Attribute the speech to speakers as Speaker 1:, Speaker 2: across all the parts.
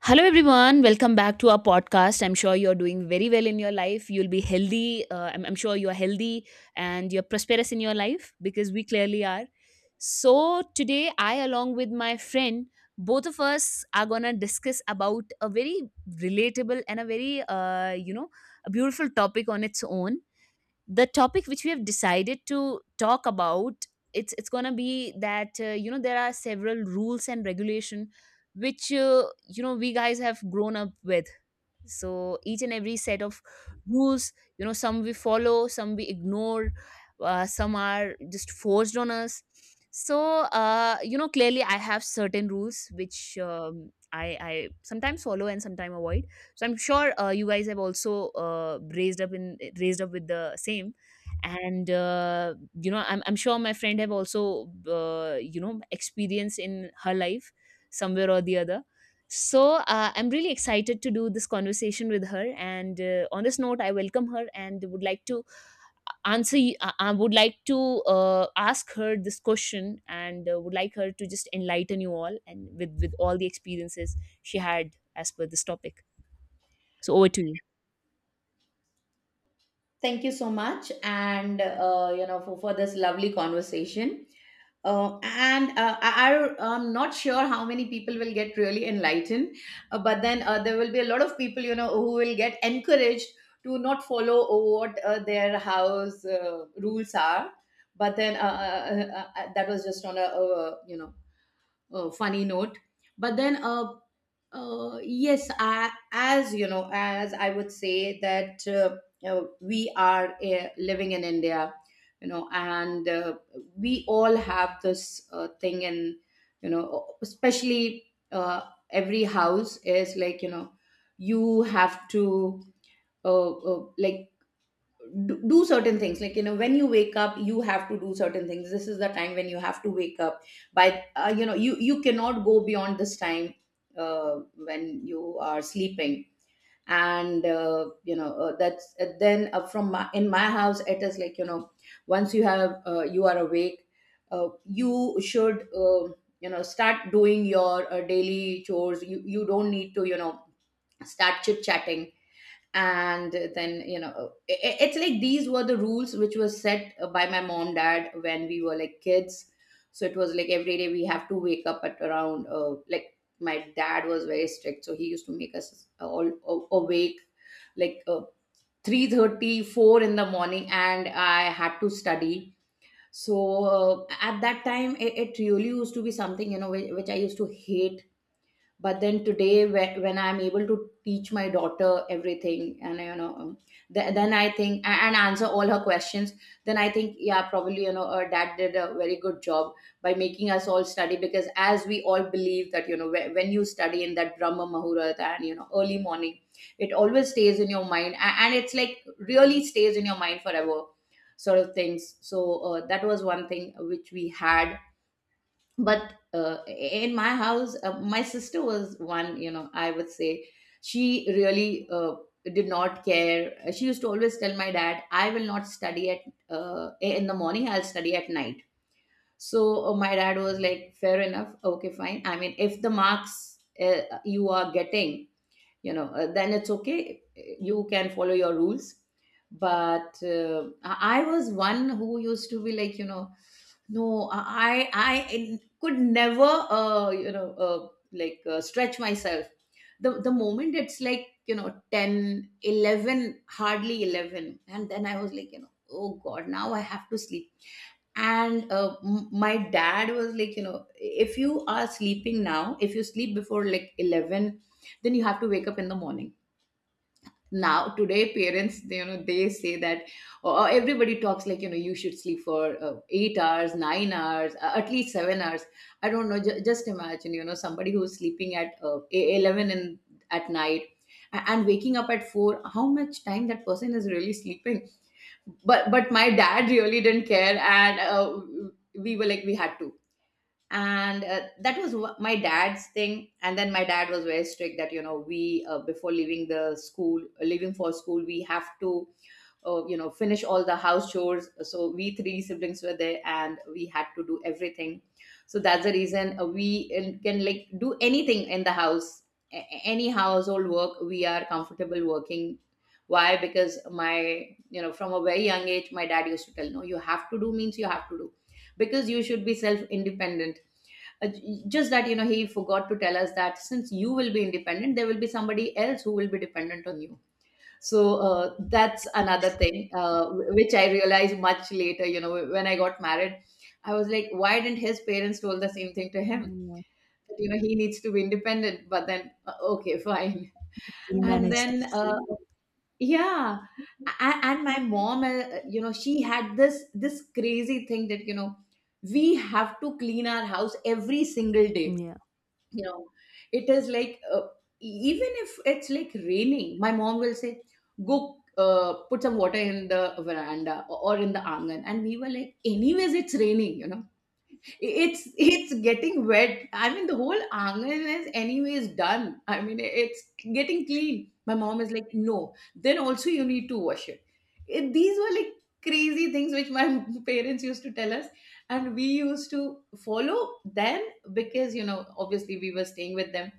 Speaker 1: Hello, everyone. Welcome back to our podcast. I'm sure you're doing very well in your life. You'll be healthy. I'm sure you're healthy and you're prosperous in your life because we clearly are. So today, I, along with my friend, both of us are going to discuss about a very relatable and a very, a beautiful topic on its own. The topic which we have decided to talk about, it's going to be that, you know, there are several rules and regulation which, you know, we guys have grown up with. So each and every set of rules, you know, some we follow, some we ignore, some are just forced on us. So you know, clearly I have certain rules which, I sometimes follow and sometimes avoid. So I'm sure you guys have also raised up with the same. And you know, I'm sure my friend have also, you know, experience in her life somewhere or the other. So I'm really excited to do this conversation with her. And on this note, I welcome her and would like to answer. Y- I would like to ask her this question and would like her to just enlighten you all and with all the experiences she had as per this topic. So over to you.
Speaker 2: Thank you so much, and for this lovely conversation. I'm not sure how many people will get really enlightened, but then there will be a lot of people, who will get encouraged to not follow what their house rules are. But then that was just on a, you know, funny note. But then uh, uh, yes I, as you know as I would say that, we are living in India, you know and we all have this thing in, especially, uh, every house is like, you know, you have to like do certain things, like, you know. When you wake up, you have to do certain things. This is the time when you have to wake up by. You know, you cannot go beyond this time when you are sleeping. And that's, then in my house it is like, you know, once you have — you are awake, you should, start doing your daily chores. You don't need to, you know, start chit chatting. And then, you know I it's like these were the rules which were set by my mom, dad, when we were like kids. So it was like every day we have to wake up at around — like, my dad was very strict, so he used to make us all awake like 3:34 in the morning, and I had to study. So at that time, it really used to be something, you know, which I used to hate. But then today, when I'm able to teach my daughter everything, and then I think, and answer all her questions, then I think, yeah, probably, dad did a very good job by making us all study, because as we all believe that, when you study in that brahma mahurat and, you know, early morning, it always stays in your mind, and it's like really stays in your mind forever, sort of things. So that was one thing which we had. But in my house, my sister was one, you know, I would say, she really did not care. She used to always tell my dad, I will not study at — in the morning, I'll study at night. So my dad was like, fair enough, okay, fine. I mean, if the marks you are getting, then it's okay, you can follow your rules. But I was one who used to be like, you know, no. I could never, like, stretch myself. The moment it's like, you know, 10, 11, hardly 11, and then I was like, you know, oh God, now I have to sleep. And my dad was like, you know, if you are sleeping now, if you sleep before like 11, then you have to wake up in the morning. Now today parents, they, you know, they say that, or everybody talks like, you know, you should sleep for 8 hours, 9 hours, at least 7 hours. I don't know, just imagine, you know, somebody who's sleeping at 11 in — at night, and waking up at 4, how much time that person is really sleeping. But my dad really didn't care. And we were like, we had to. And that was my dad's thing. And then my dad was very strict that, you know, we, before leaving the school — leaving for school, we have to, finish all the house chores. So we three siblings were there and we had to do everything. So that's the reason we can like do anything in the house. Any household work we are comfortable working. Why? Because my, you know, from a very young age my dad used to tell, no, you have to do means you have to do, because you should be self independent. Just that, you know, he forgot to tell us that since you will be independent, there will be somebody else who will be dependent on you. So that's another thing, which I realized much later, you know, when I got married. I was like, why didn't his parents told the same thing to him,
Speaker 1: Yeah,
Speaker 2: that, you know, he needs to be independent? But then, okay, fine.
Speaker 1: she'll
Speaker 2: And
Speaker 1: manage.
Speaker 2: then yeah. And my mom, you know, she had this, crazy thing that, you know, we have to clean our house every single day,
Speaker 1: Yeah,
Speaker 2: you know. It is like, even if it's like raining, my mom will say, go put some water in the veranda, or in the angan, and we were like, anyways it's raining, you know, it's getting wet. I mean, the whole angan is anyways done, I mean, it's getting clean. My mom is like, no, then also you need to wash it, these were like crazy things which my parents used to tell us, and we used to follow then, because, you know, obviously we were staying with them.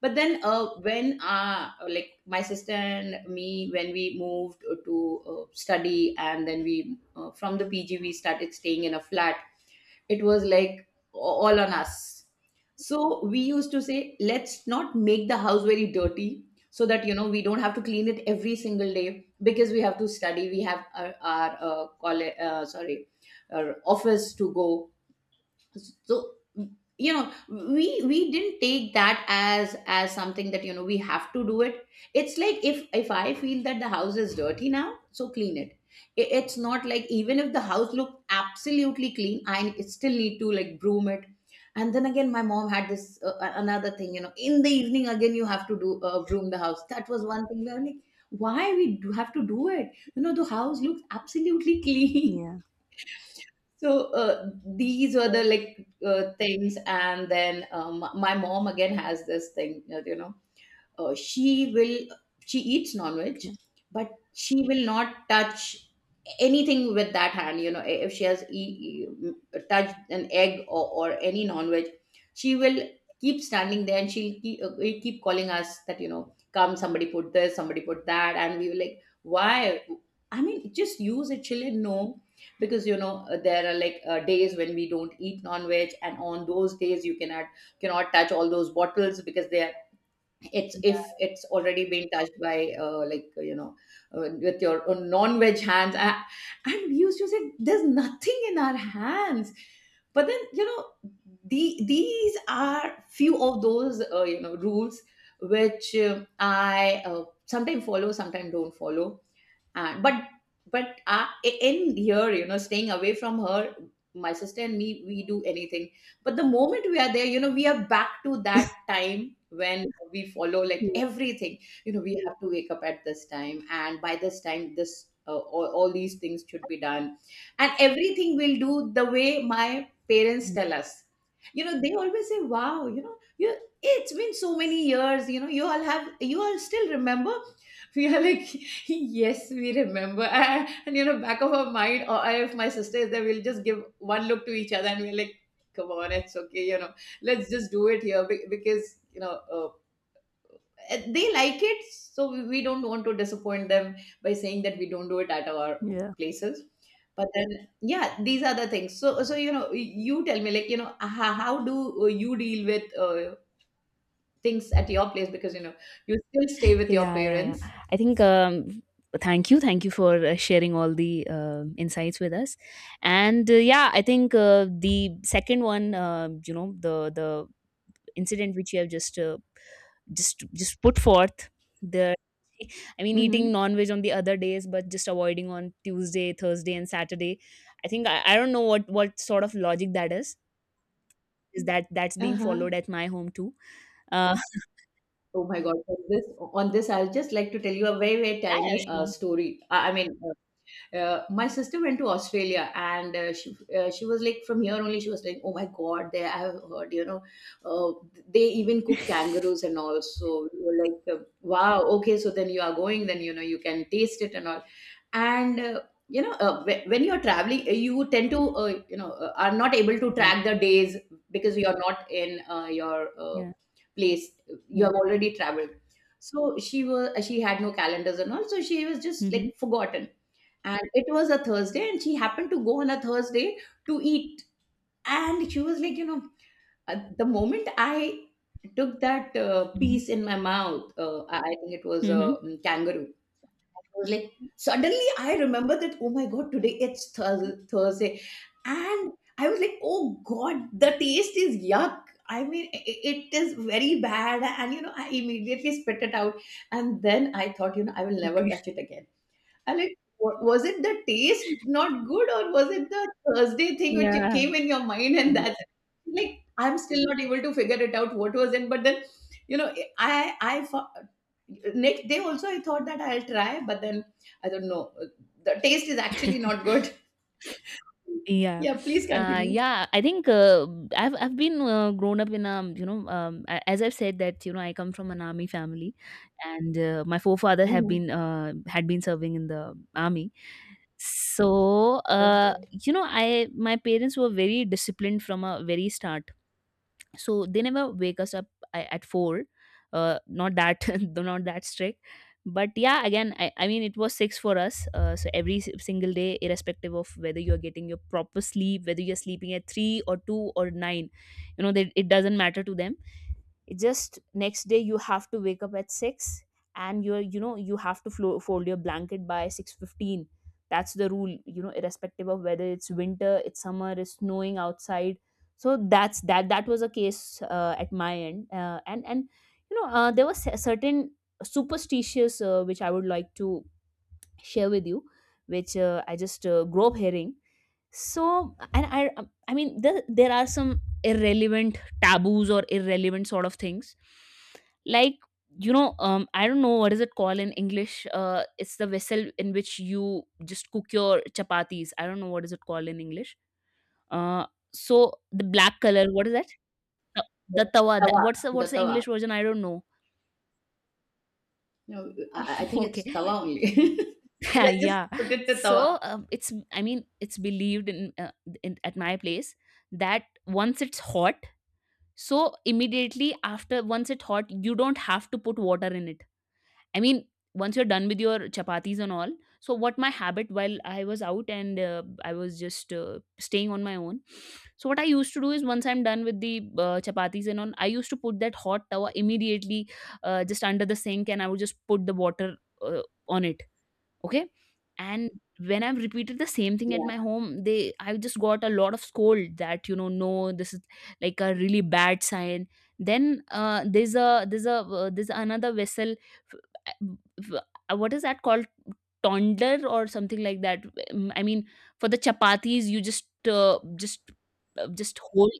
Speaker 2: But then, when, like, my sister and me, when we moved to study, and then we, from the pg, we started staying in a flat, it was like all on us. So we used to say, let's not make the house very dirty, so that, you know, we don't have to clean it every single day, because we have to study, we have our, our college, sorry, our office to go. So, you know, we didn't take that as, something that, you know, we have to do it. It's like, if I feel that the house is dirty now, so clean it. It's not like even if the house looked absolutely clean, I still need to like broom it. And then again, my mom had this, another thing, you know, in the evening again you have to do, broom the house. That was one thing we were like, why we do have to do it, you know, the house looks absolutely clean.
Speaker 1: yeah,
Speaker 2: So these were the like, things, and then my mom again has this thing, you know, uh, she will she eats non-veg,
Speaker 1: okay.
Speaker 2: but she will not touch anything with that hand, you know. If she has touched an egg, or any non-veg, she will keep standing there, and will keep calling us that, you know, come, somebody put this, somebody put that, and we were like, why? I mean, just use it. She'll like, no, because, you know, there are like days when we don't eat non-veg, and on those days you cannot touch all those bottles, because they are — it's, if it's already been touched by, like, with your own non-veg hands. And we used to say, there's nothing in our hands. But then, you know, these are few of those, rules which, I, sometimes follow, sometimes don't follow. And but, in here, you know, staying away from her, my sister and me, we do anything. But the moment we are there, you know, we are back to that time when we follow like
Speaker 1: Yeah,
Speaker 2: everything. You know, we have to wake up at this time, and by this time, this all these things should be done. And everything will do the way my parents tell us. You know, they always say, wow, you know, you — it's been so many years, you know, you all still remember. We are like, Yes, we remember. And, you know, back of our mind, or if my sister is there, we'll just give one look to each other, and we're like, come on, it's okay, you know, let's just do it here because, you know, they like it. So we don't want to disappoint them by saying that we don't do it at our
Speaker 1: yeah.
Speaker 2: places. But then, yeah, these are the things. So, you know, you tell me, like, you know, how do you deal with things at your place? Because, you know, you still stay with your
Speaker 1: Yeah, yeah, yeah.
Speaker 2: parents.
Speaker 1: I think, thank you for sharing all the insights with us. And yeah, I think the second one, you know, the incident which you have just just put forth. The I mean, eating
Speaker 2: Mm-hmm.
Speaker 1: non-veg on the other days, but just avoiding on Tuesday, Thursday, and Saturday. I think I don't know what sort of logic that is. Is that that's being
Speaker 2: Uh-huh.
Speaker 1: followed at my home too? Uh,
Speaker 2: Oh my God! On this, I'd just like to tell you a very, very
Speaker 1: yeah, yeah,
Speaker 2: tiny
Speaker 1: sure.
Speaker 2: story. I mean, my sister went to Australia, and she was like from here only. She was like, "Oh my God, there I have heard, you know, uh, they even cook kangaroos and all." So we were like, "Wow, okay." So then you are going, then you know you can taste it and all and When you're traveling you tend to are not able to
Speaker 1: Yeah,
Speaker 2: track the days because you're not in your
Speaker 1: yeah,
Speaker 2: place you
Speaker 1: yeah.
Speaker 2: have already traveled. So she had no calendars and all, so she was just
Speaker 1: Hmm,
Speaker 2: like forgotten. And it was a Thursday, and she happened to go on a Thursday to eat. And she was like, the moment I took that piece in my mouth, I I think it was a
Speaker 1: hmm.
Speaker 2: kangaroo. I was like, suddenly I remember that, oh my God, today it's Thursday. And I was like, oh God, the taste is yuck. I mean, it is very bad. And, you know, I immediately spit it out. And then I thought, you know, I will never
Speaker 1: Okay.
Speaker 2: touch it again. Alex, was it the taste not good, or was it the Thursday thing which it
Speaker 1: Yeah.
Speaker 2: came in your mind and
Speaker 1: Exactly.
Speaker 2: that's it? Like I'm still not able to figure it out what was in. But then, you know, next day also I thought that I'll try, but then I don't know. The taste is actually not good.
Speaker 1: Yeah.
Speaker 2: Yeah, please continue.
Speaker 1: Yeah. I think I've been grown up in, as I've said that, you know, I come from an army family, and my forefather have been
Speaker 2: Mhm.
Speaker 1: had been serving in the army. So
Speaker 2: Okay.
Speaker 1: you know, I my parents were very disciplined from a very start, so they never wake us up at 4. Uh, not that though not that strict, but yeah, again, I mean it was 6 for us. So every single day, irrespective of whether you're getting your proper sleep, whether you're sleeping at 3 or 2 or 9, you know, that it doesn't matter to them, it just next day you have to wake up at 6, and you're, you know, you have to fold your blanket by 6:15. That's the rule, you know, irrespective of whether it's winter, it's summer, it's snowing outside. So that's that was a case at my end, and you know, there was a certain superstitious, which I would like to share with you, which I just grew up hearing. So and I mean there are some irrelevant taboos or irrelevant sort of things, like, you know, I don't know what is it called in English. It's the vessel in which you just cook your chapatis. I don't know what is it called in English. uh so the black color, what is that, the tawa? That,
Speaker 2: Tawa,
Speaker 1: what's the
Speaker 2: the tawa.
Speaker 1: English version? I don't know.
Speaker 2: No, I think
Speaker 1: Okay.
Speaker 2: it's tawa only. Let's just
Speaker 1: Yeah.
Speaker 2: put it to tawa.
Speaker 1: So it's, I mean, it's believed in at my place that once it's hot, so immediately after once it's hot, you don't have to put water in it. I mean, once you're done with your chapatis and all. So what my habit, while I was out and I was just staying on my own. So what I used to do is once I'm done with the chapatis and all, I used to put that hot tawa immediately, just under the sink, and I would just put the water uh, on it. Okay? And when I've repeated the same thing at
Speaker 2: Yeah,
Speaker 1: my home, they I just got a lot of scold that, you know, no, this is like a really bad sign. Then there's another vessel. f- f- What is that called? Tonder or something like that. Mm, I mean, for the chapatis, you just just hold.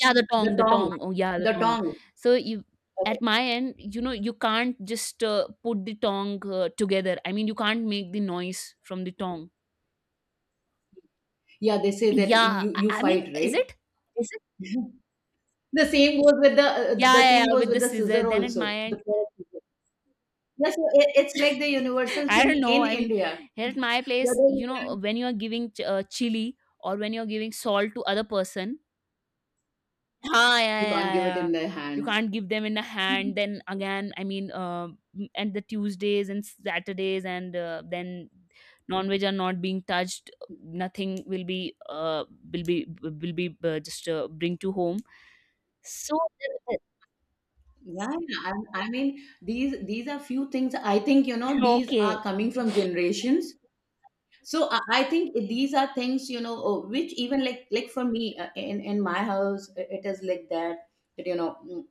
Speaker 1: Yeah, the
Speaker 2: the
Speaker 1: tong, the
Speaker 2: tong,
Speaker 1: tong. Oh, yeah, the
Speaker 2: the
Speaker 1: tong.
Speaker 2: tong.
Speaker 1: So you, at my end, you know, you can't just put the tong together. I mean, you can't make the noise from the tong.
Speaker 2: Yeah, they say that
Speaker 1: Yeah,
Speaker 2: you you
Speaker 1: I mean,
Speaker 2: fight,
Speaker 1: is
Speaker 2: right?
Speaker 1: it? Is it?
Speaker 2: The same goes with
Speaker 1: Yeah, yeah, yeah, with the
Speaker 2: the
Speaker 1: scissor.
Speaker 2: scissor
Speaker 1: Then at
Speaker 2: also,
Speaker 1: my
Speaker 2: the
Speaker 1: end,
Speaker 2: power scissor. Yeah, so it's like the universal
Speaker 1: I
Speaker 2: thing
Speaker 1: don't
Speaker 2: in
Speaker 1: know. I mean,
Speaker 2: India.
Speaker 1: here at my place,
Speaker 2: Whether you
Speaker 1: you know,
Speaker 2: can—
Speaker 1: when you are giving chili or when you're giving salt to other person, ah, yeah,
Speaker 2: you can't
Speaker 1: yeah,
Speaker 2: give it
Speaker 1: yeah.
Speaker 2: in their
Speaker 1: You
Speaker 2: hands.
Speaker 1: can't give them in a hand. Then again, I mean, and the Tuesdays and Saturdays, and then non-veg are not being touched. Nothing will be, will be just bring to home. So
Speaker 2: Yeah, I mean, these are few things, I think, you know, these are
Speaker 1: okay,
Speaker 2: coming from generations. So I think these are things, you know, which even like for me, in my house, it is like that, that you know,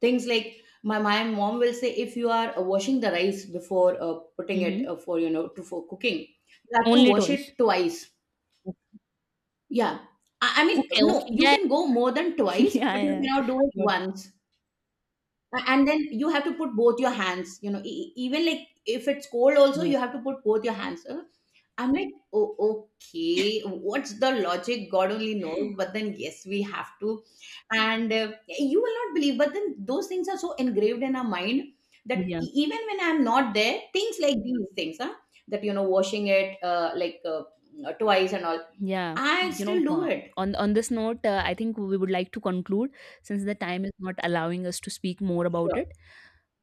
Speaker 2: things like my mom will say, if you are washing the rice before putting it
Speaker 1: mm-hmm.
Speaker 2: for cooking, you have to
Speaker 1: Only
Speaker 2: wash
Speaker 1: toys.
Speaker 2: it twice. Yeah, I mean,
Speaker 1: Okay,
Speaker 2: no,
Speaker 1: okay,
Speaker 2: you
Speaker 1: yeah,
Speaker 2: can go more than twice,
Speaker 1: yeah,
Speaker 2: but you
Speaker 1: yeah.
Speaker 2: cannot do it
Speaker 1: Got-
Speaker 2: once. And then you have to put both your hands, you know, even like if it's cold also,
Speaker 1: yeah,
Speaker 2: you have to put both your hands, I'm like, oh, okay. What's the logic? God only knows. But then, yes, we have to. And you will not believe, but then those things are so engraved in our mind that
Speaker 1: yeah.
Speaker 2: even when I'm not there, things like these things, huh? That, you know, washing it twice and all,
Speaker 1: Yeah,
Speaker 2: I
Speaker 1: you
Speaker 2: still
Speaker 1: know,
Speaker 2: do it.
Speaker 1: on this note, I think we would like to conclude since the time is not allowing us to speak more about
Speaker 2: Sure.
Speaker 1: it.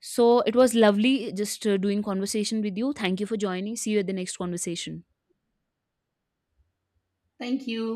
Speaker 1: So it was lovely just doing conversation with you. Thank you for joining. See you at the next conversation.
Speaker 2: Thank you.